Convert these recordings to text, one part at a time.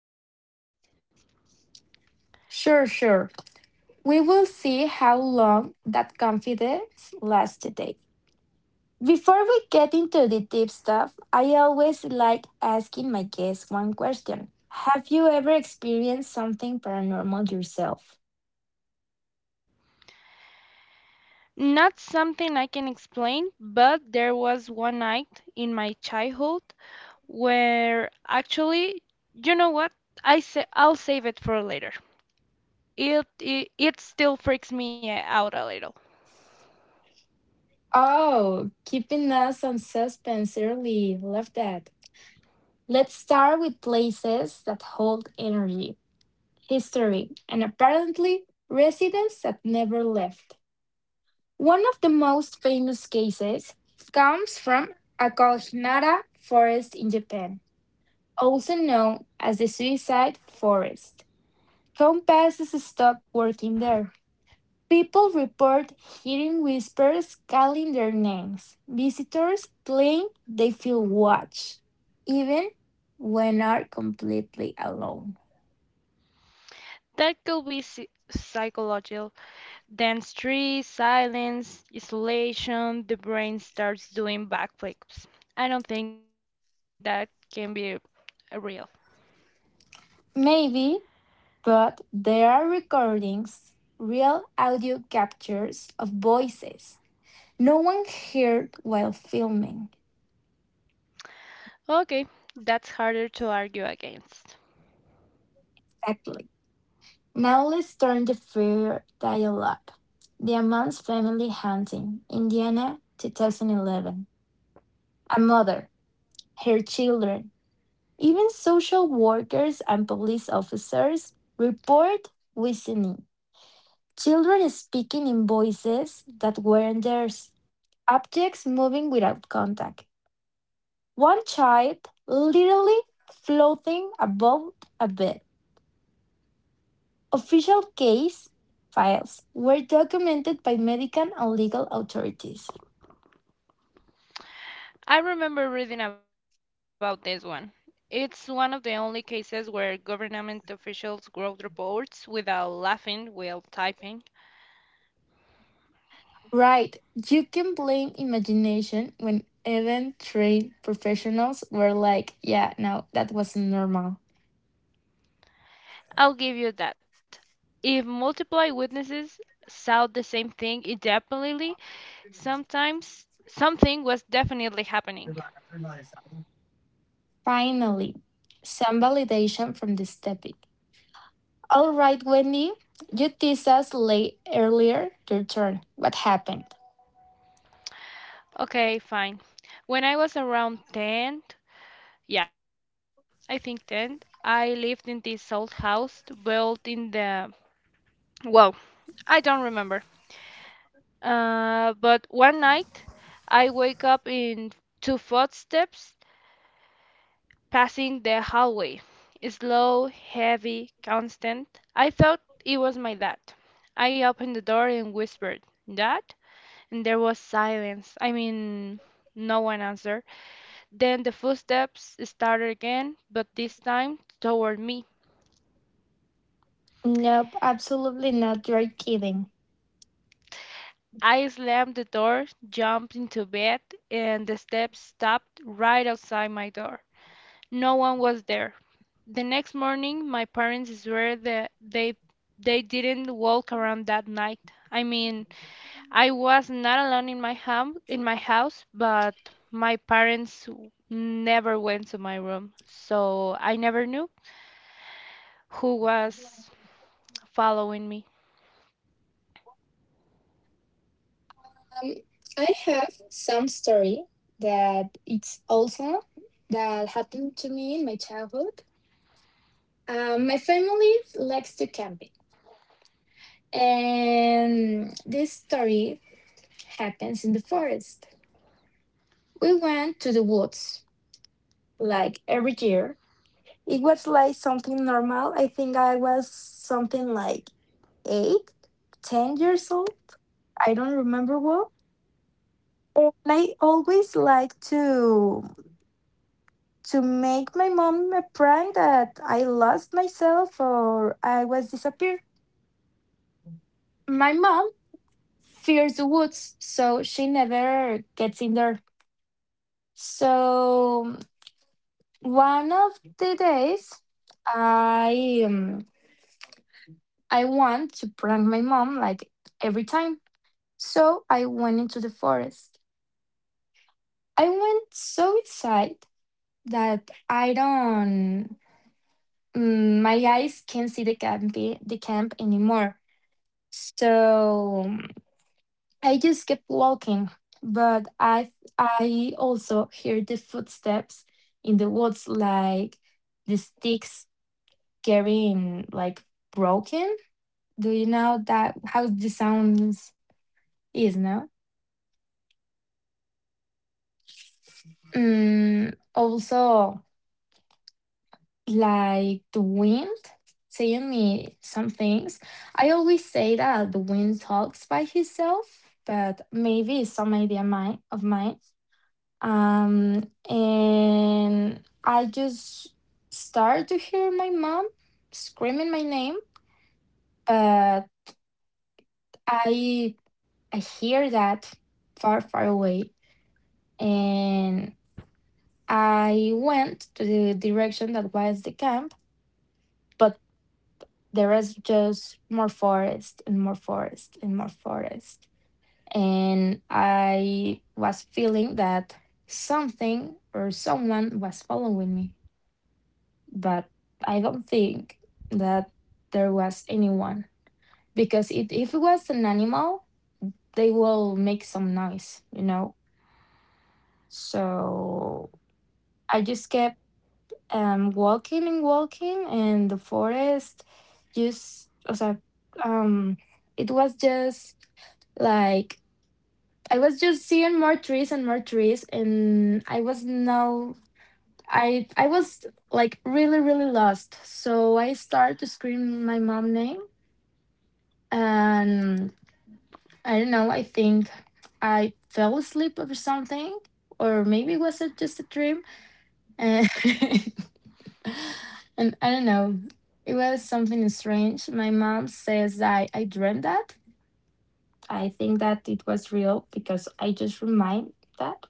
sometimes. Sure, sure. We will see how long that confidence lasts today. Before we get into the deep stuff, I always like asking my guests one question. Have you ever experienced something paranormal yourself? Not something I can explain, but there was one night in my childhood where actually, you know what? I say I'll save it for later. It still freaks me out a little. Oh, keeping us on suspense early. Love that. Let's start with places that hold energy, history, and apparently residents that never left. One of the most famous cases comes from Akaohinara Forest in Japan, also known as the Suicide Forest. Compasses stop working there. People report hearing whispers calling their names. Visitors claim they feel watched, even when are completely alone. That could be psychological. Then stress, silence, isolation, the brain starts doing backflips. I don't think that can be real. Maybe, but there are recordings, real audio captures of voices no one heard while filming. Okay, that's harder to argue against. Exactly. Now let's turn the fair dial up. The Amon's family hunting, Indiana, 2011. A mother, her children, even social workers and police officers report whistling. Children speaking in voices that weren't theirs. Objects moving without contact. One child literally floating above a bed. Official case files were documented by medical and legal authorities. I remember reading about this one. It's one of the only cases where government officials wrote reports without laughing while typing. Right, you can blame imagination when even trained professionals were like, yeah, no, that wasn't normal. I'll give you that. If multiple witnesses saw the same thing indefinitely, sometimes something was definitely happening. Finally, some validation from this topic. All right, Wendy, you teased us late earlier. Your turn. What happened? Okay, fine. When I was around 10, yeah, I think 10, I lived in this old house built in the, well, I don't remember. But one night I wake up in two footsteps passing the hallway. Slow, heavy, constant. I thought it was my dad. I opened the door and whispered, "Dad?" And there was silence. I mean, no one answered. Then the footsteps started again, but this time toward me. Nope, absolutely not. You're kidding. I slammed the door, jumped into bed, and the steps stopped right outside my door. No one was there. The next morning my parents swear that they didn't walk around that night. I mean, I was not alone in my home in my house, but my parents never went to my room, so I never knew who was following me. Um, I have some story that it's also that happened to me in my childhood. My family likes to camping, and this story happens in the forest. We went to the woods like every year. It was like something normal. I think I was something like eight, 10 years old. I don't remember well. And I always like to make my mom a prank that I lost myself or I was disappeared. My mom fears the woods, so she never gets in there. So one of the days, I um, I want to prank my mom like every time. So I went into the forest. I went so inside that I don't. My eyes can't see the camp anymore. So I just kept walking, but I also hear the footsteps in the woods, like the sticks getting like broken. Do you know that how the sounds is no? Also, like the wind saying me some things. I always say that the wind talks by himself, but maybe it's some idea mine of mine. And I just start to hear my mom screaming my name, but I I hear that far, far away. And I went to the direction that was the camp, but there was just more forest and more forest and more forest. And I was feeling that something or someone was following me, but I don't think that there was anyone because if it was an animal, they will make some noise, you know. So I just kept walking and walking, in the forest just, o sea, um, it was just like I was just seeing more trees, and I was like really really lost. So I started to scream my mom name and I don't know, I think I fell asleep or something, or maybe was it just a dream? And, and I don't know, it was something strange. My mom says I dreamed that. I think that it was real because I just remind that.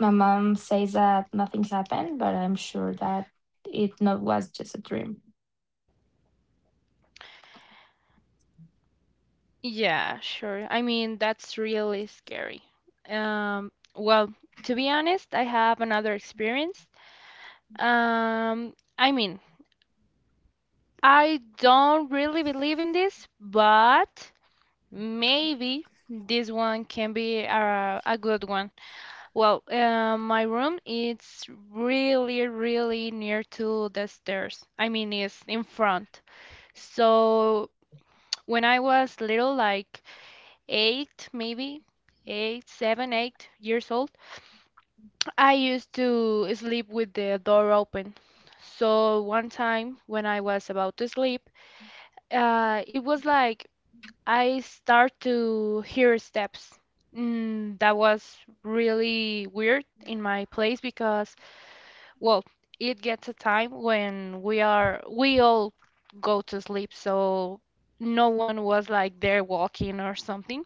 My mom says that nothing happened, but I'm sure that it not was just a dream. Yeah, sure. I mean, that's really scary. Well, to be honest, I have another experience. I mean, I don't really believe in this, but maybe this one can be a good one. Well, my room it's really, really near to the stairs. I mean, it's in front. So when I was little, like eight, maybe eight years old, I used to sleep with the door open. So one time when I was about to sleep, it was like I start to hear steps. That was really weird in my place because, well, it gets a time when we all go to sleep, so no one was like there walking or something.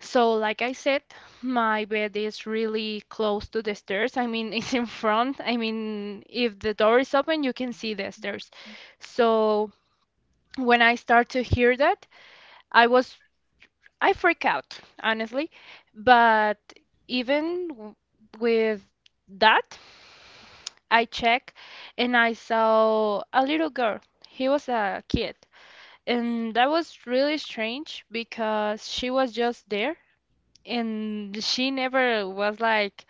So, like I said, my bed is really close to the stairs. I mean, it's in front. I mean, if the door is open, you can see the stairs. So, when I start to hear that, I was I freak out, honestly. But even with that, I check and I saw a little girl. He was a kid. And that was really strange because she was just there and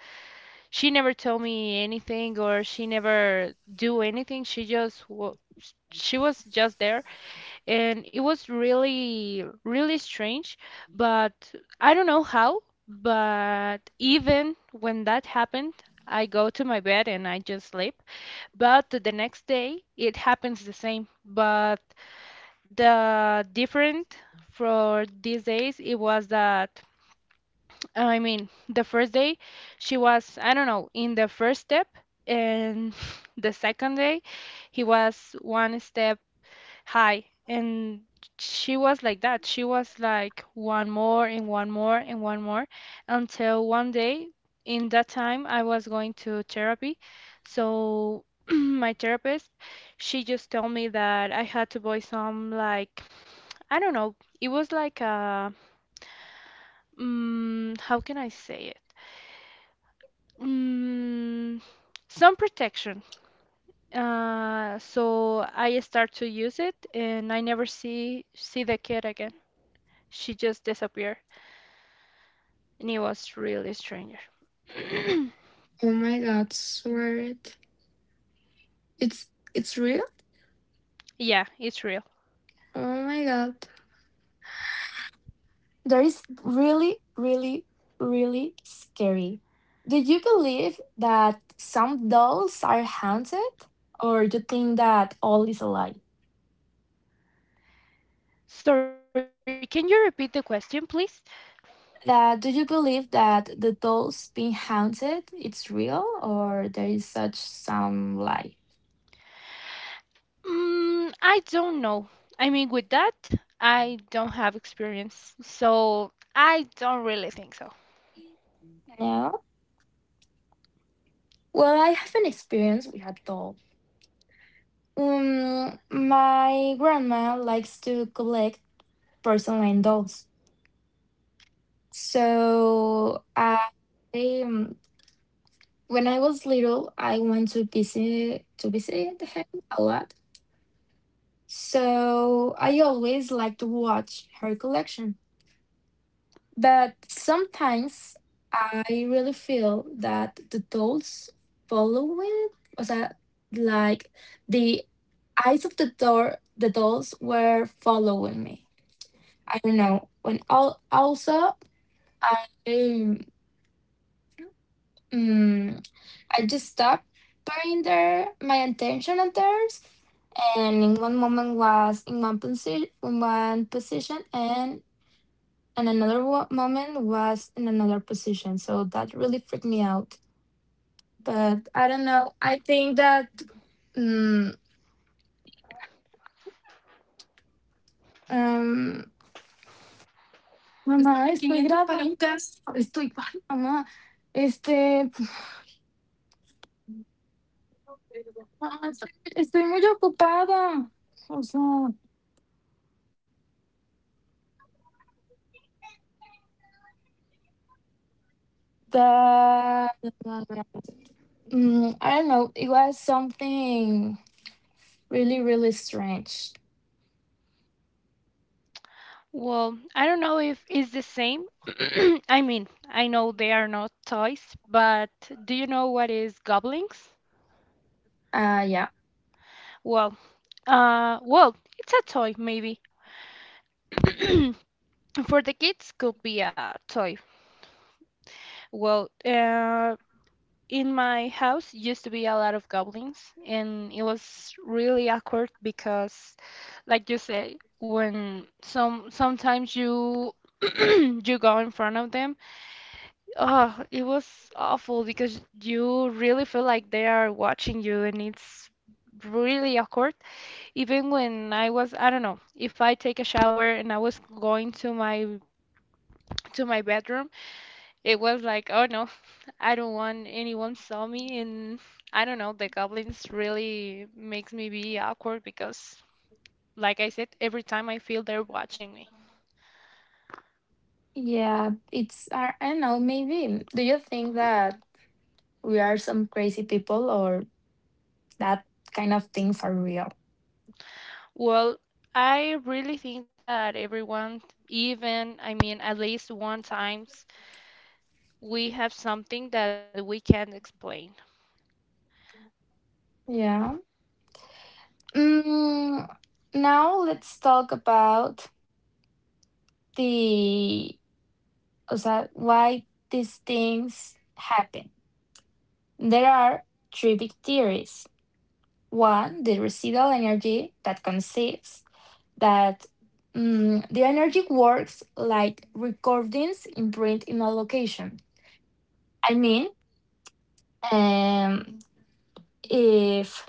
she never told me anything or she never do anything. She just wa she was just there and it was really really strange, but I don't know how, but even when that happened, I go to my bed and I just sleep. But the next day it happens the same, but the different for these days it was that I mean, the first day she was, I don't know, in the first step, and the second day he was one step high. And she was like that. She was like one more and one more and one more until one day, in that time, I was going to therapy. So my therapist, she just told me that I had to buy some, like, I don't know, it was like how can I say, Mm, some protection. So I start to use it, and I never see the kid again. She just disappeared, and it was really stranger. Oh my god, swear it. It's it's real? Yeah, it's real. Oh my god. That is really, really, really scary. Do you believe that some dolls are haunted? Or you think that all is a lie? Sorry, can you repeat the question, please? That do you believe that the dolls being haunted it's real or there is such some lie? I don't know. I mean, with that, I don't have experience, so I don't really think so. No? Well, I have an experience with a doll. My grandma likes to collect porcelain dolls. So I um, When I was little, I went to visit her a lot. So I always liked to watch her collection. But sometimes I really feel that the dolls following, was that like the eyes of the dolls were following me. I don't know. When all also I um, I just stopped putting there my attention on theirs, and in one moment was in one position, and in another moment was in another position. So that really freaked me out. But I don't know. I think that. mm, um, Mamá, estoy grabando. Estoy, ay, mamá, este, no, estoy, estoy muy ocupada. O sea, da. I don't know. It was something really, really strange. Well, I don't know if it's the same. I mean, I know they are not toys, but do you know what is goblins? Yeah. Well, well, it's a toy maybe. For the kids, could be a toy. Well, in my house used to be a lot of goblins, and it was really awkward because, like you say, when sometimes you you go in front of them. Oh, it was awful because you really feel like they are watching you and it's really awkward. Even when I was, I don't know, if I take a shower and I was going to my bedroom, it was like, oh no, I don't want anyone saw me and I don't know, the goblins really makes me be awkward because like I said, every time I feel they're watching me. Yeah, I don't know, maybe. Do you think that we are some crazy people or that kind of things are real? Well, I really think that everyone, even, I mean, at least one times we have something that we can't explain. Yeah. Mm, Now let's talk about the, o sea, why these things happen. There are three big theories. One, the residual energy that consists that, the energy works like recordings imprint in a location. I mean, um, if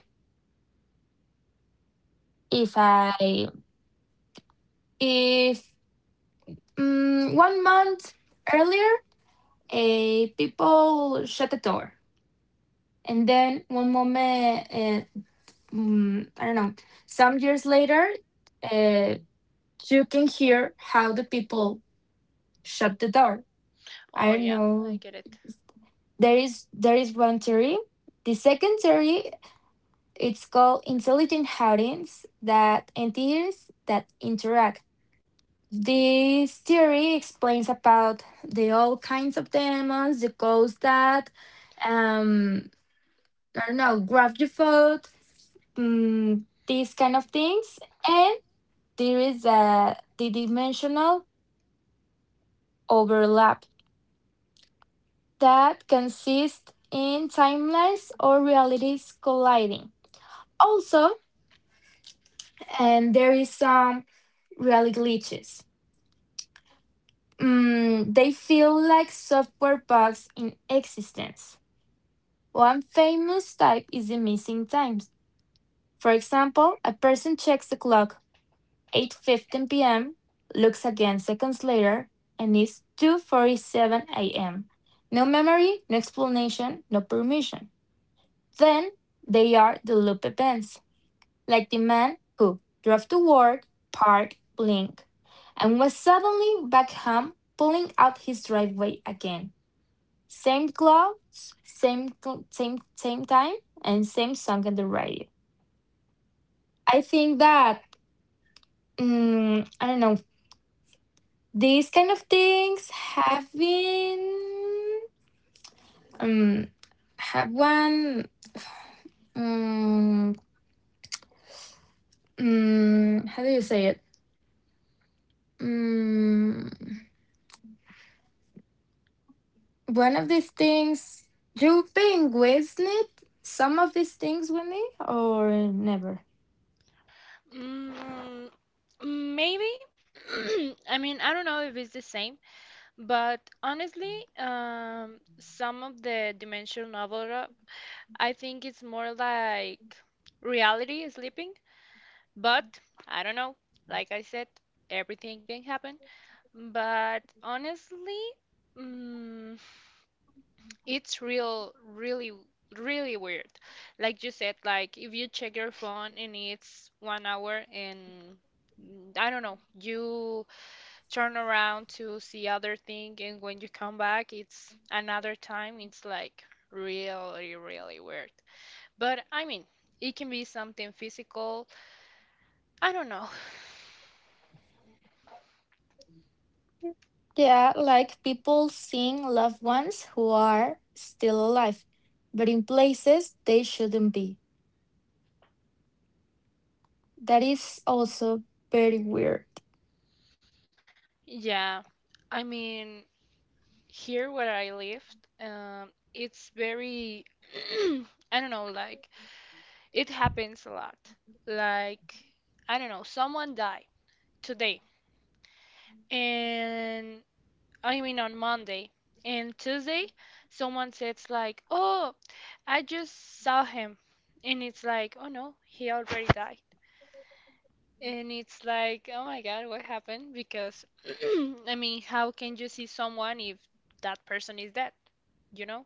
if I if mm, 1 month earlier, people shut the door, and then one moment, I don't know, some years later, uh, you can hear how the people shut the door. I Oh don't yeah, know. I get it. There is one theory. The second theory it's called intelligent hauntings that entities that interact. This theory explains about the all kinds of demons, the ghosts that, um I don't know, grab your foot, these kind of things. And there is a the dimensional overlap that consists in timelines or realities colliding. Also, and there is some really glitches. They feel like software bugs in existence. One famous type is the missing times. For example, a person checks the clock 8:15 p.m., looks again seconds later, and it's 2:47 a.m. No memory, no explanation, no permission. Then they are the loop events, like the man who drove to work, parked, blinked, and was suddenly back home pulling out his driveway again. Same clothes, same time, and same song on the radio. I think that, I don't know, these kind of things have been, um have one um, how do you say it? Mm, One of these things, you've been with it, some of these things, Wendy, or never? Mm, maybe. I mean, I don't know if it's the same, but honestly, some of the dimension novel, I think it's more like reality sleeping, but I don't know. Like I said, everything can happen. But honestly, mm, it's real, really, really weird. Like you said, like if you check your phone and it's one hour and I don't know, you turn around to see other thing and when you come back it's another time. It's like really, really weird. But I mean, it can be something physical. I don't know. Yeah, like people seeing loved ones who are still alive, but in places they shouldn't be. That is also very weird. Yeah, I mean, here where I lived, it's very, I don't know, like it happens a lot. Like, I don't know, someone died today, and I mean on Monday and Tuesday, someone says like, "Oh, I just saw him," and it's like, "Oh no, he already died." And it's like, "Oh my God, what happened?" Because I mean, how can you see someone if that person is dead? You know.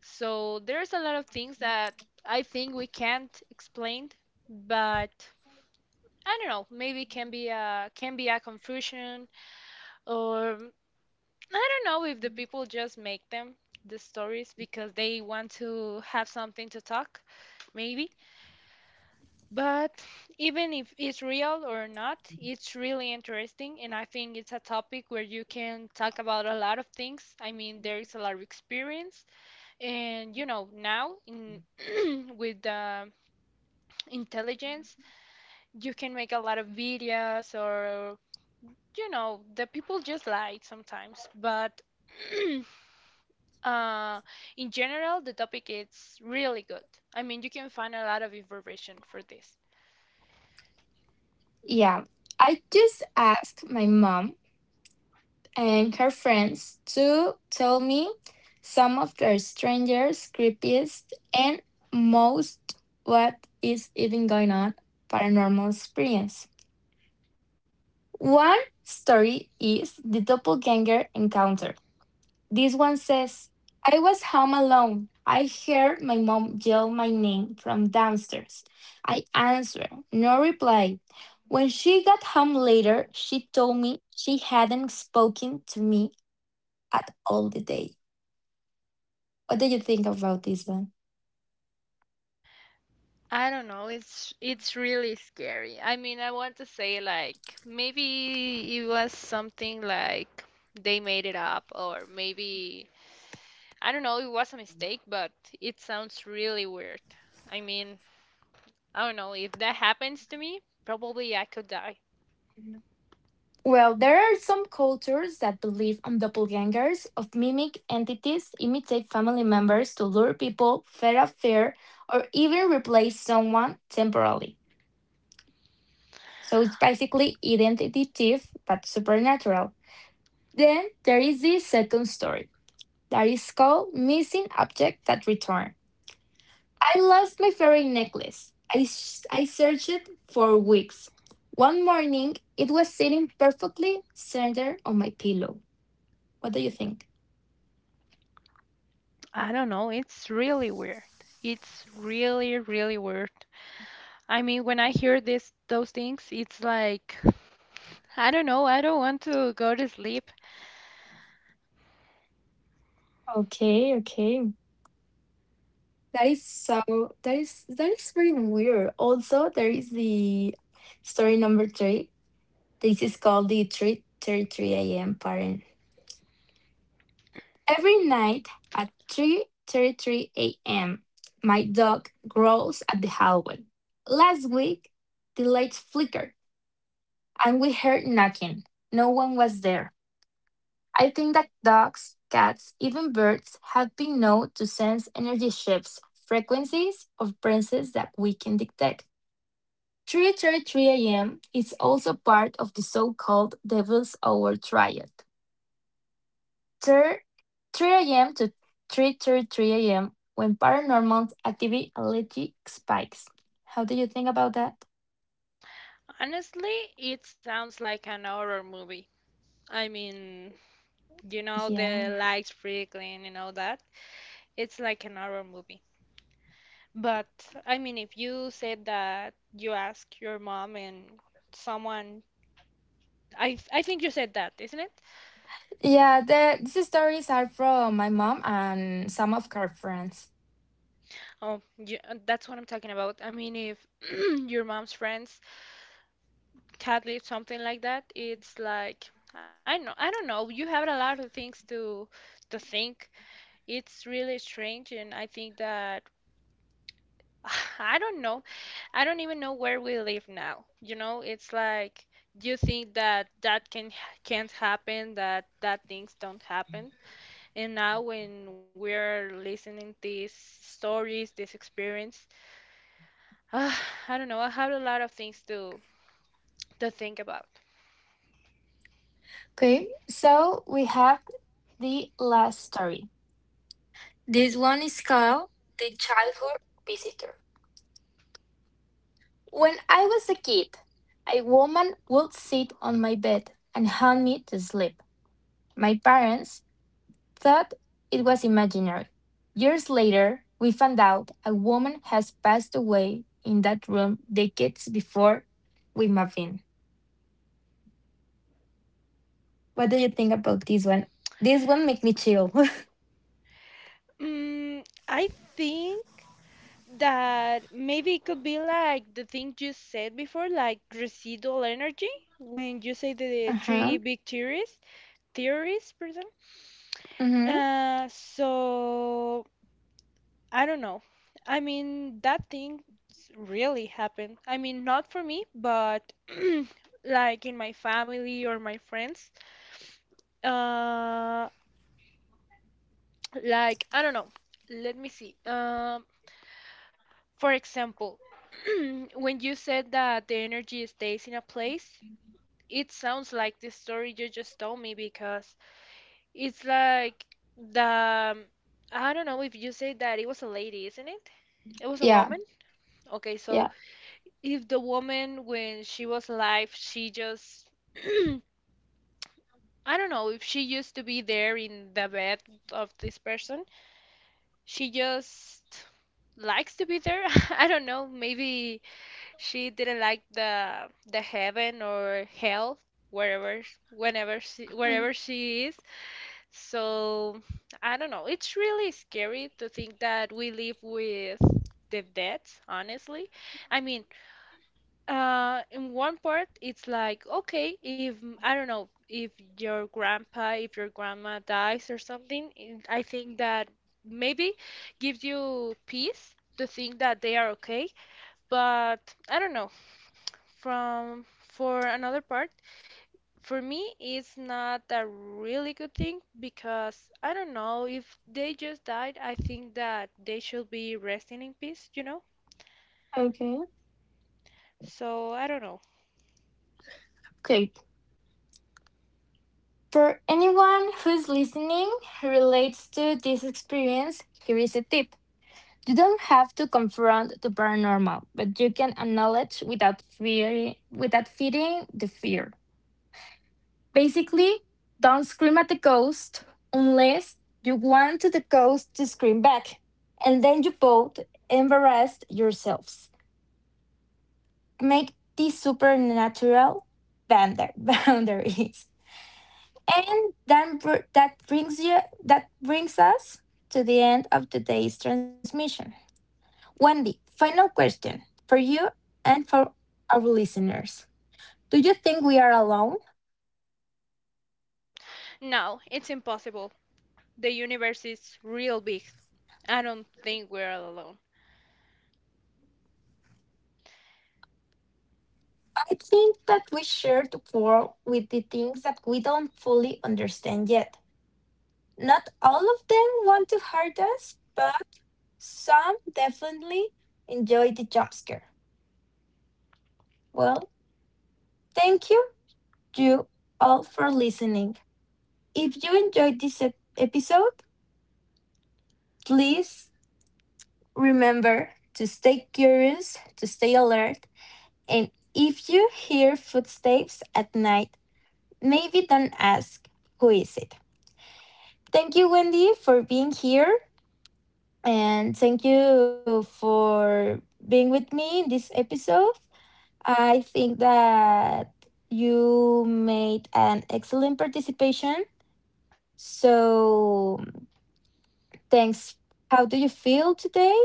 So there's a lot of things that I think we can't explain, but I don't know, maybe can be a confusion or I don't know if the people just make them the stories because they want to have something to talk, maybe. But even if it's real or not, it's really interesting and I think it's a topic where you can talk about a lot of things. I mean, there is a lot of experience and you know, now in with the intelligence, you can make a lot of videos or you know, the people just lie sometimes, but uh, in general, the topic is really good. I mean, you can find a lot of information for this. Yeah, I just asked my mom and her friends to tell me some of their strangest, creepiest, and most what is even going on paranormal experience. One story is the doppelganger encounter. This one says, I was home alone. I heard my mom yell my name from downstairs. I answered, no reply. When she got home later, she told me she hadn't spoken to me at all the day. What do you think about this one? I don't know, it's really scary. I mean, I want to say like maybe it was something like they made it up or maybe I don't know, it was a mistake, but it sounds really weird. I mean, I don't know, if that happens to me, probably I could die. Well, there are some cultures that believe on doppelgangers of mimic entities imitate family members to lure people, feed a fear, or even replace someone temporarily. So it's basically identity thief, but supernatural. Then there is the second story that is called missing object that return. I lost my fairy necklace. I searched for weeks. One morning, it was sitting perfectly centered on my pillow. What do you think? I don't know. It's really weird. It's really, really weird. I mean, when I hear this those things, it's like I don't know. I don't want to go to sleep. Okay, okay. That is so, that is very weird. Also, there is the story number three. This is called the 3:33 AM pattern. Every night at 3:33 AM, my dog growls at the hallway. Last week, the lights flickered and we heard knocking. No one was there. I think that dogs, cats, even birds have been known to sense energy shifts, frequencies of presence that we can detect. 3:33 a.m. is also part of the so-called Devil's Hour Triad. 3 3 a.m. to 3:33 a.m. when paranormal activity allegedly spikes. How do you think about that? Honestly, it sounds like an horror movie. I mean, you know, Yeah. the lights flickering and all that. It's like an horror movie. But I mean, if you said that you ask your mom and someone, I think you said that, isn't it? Yeah, these stories are from my mom and some of her friends. Oh, yeah, that's what I'm talking about. I mean, if your mom's friends cat live something like that, it's like I know I don't know. You have a lot of things to think. It's really strange, and I think that I don't know. I don't even know where we live now. You know, it's like you think that can can't happen, that things don't happen, and now when we're listening these stories, this experience. Uh, I don't know. I have a lot of things to think about. Okay, so we have the last story. This one is called The Childhood Visitor. When I was a kid, a woman would sit on my bed and help me to sleep. My parents thought it was imaginary. Years later, we found out a woman has passed away in that room decades before we moved in. What do you think about this one? This one make me chill. I think that maybe it could be like the thing you said before, like residual energy, when you say the Uh-huh. three big theories, theories, pardon. Mm-hmm. So I don't know. I mean, that thing really happened. I mean, not for me, but like in my family or my friends. Uh, Like, I don't know. Let me see. For example, when you said that the energy stays in a place, it sounds like the story you just told me because it's like the, um, I don't know if you say that it was a lady, isn't it? It was a Yeah. woman? Okay, so Yeah. if the woman, when she was alive, she just, I don't know if she used to be there in the bed of this person she just likes to be there. I don't know, maybe she didn't like the heaven or hell wherever whenever she Mm, wherever she is. So, I don't know. It's really scary to think that we live with the dead, honestly. I mean, in one part, it's like, okay, if I don't know, if if your grandma dies or something, I think that maybe gives you peace to think that they are okay. But I don't know. From for another part, for me, it's not a really good thing because I don't know if they just died. I think that they should be resting in peace, you know? Okay. So I don't know. Great. For anyone who's listening who relates to this experience, here is a tip. You don't have to confront the paranormal, but you can acknowledge without fear without feeding the fear. Basically, don't scream at the ghost unless you want the ghost to scream back. And then you both embarrass yourselves. Make these supernatural boundaries. And then that brings us to the end of today's transmission. Wendy, final question for you and for our listeners. Do you think we are alone? No, it's impossible. The universe is real big. I don't think we're all alone. I think that we share the world with the things that we don't fully understand yet. Not all of them want to hurt us, but some definitely enjoy the jump scare. Well, thank you, you all, for listening. If you enjoyed this episode, please remember to stay curious, to stay alert, and if you hear footsteps at night, maybe don't ask who is it. Thank you, Wendy, for being here, and thank you for being with me in this episode. I think that you made an excellent participation. So thanks. How do you feel today?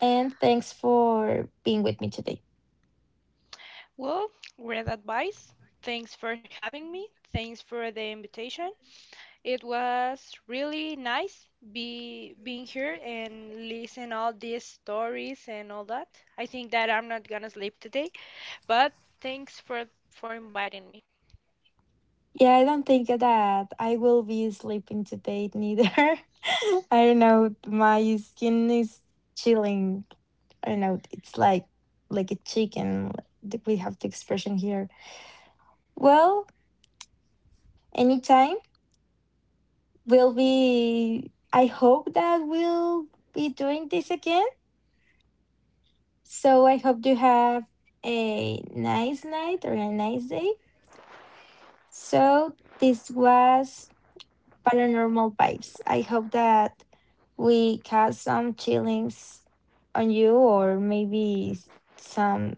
And thanks for being with me today. Well, great advice. Thanks for having me. Thanks for the invitation. It was really nice be being here and listen all these stories and all that. I think that I'm not gonna sleep today, but thanks for inviting me. Yeah, I don't think that I will be sleeping today neither. I don't know. My skin is chilling. I don't know. It's like a chicken. We have the expression here. Well, anytime we'll be. I hope that we'll be doing this again. So I hope you have a nice night or a nice day. So this was Paranormal Vibes. I hope that we cast some chillings on you or maybe some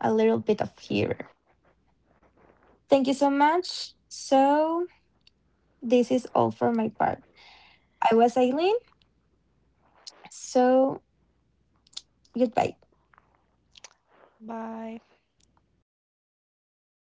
a little bit of fear. Thank you so much. So this is all for my part. I was Eileen. So goodbye. Bye.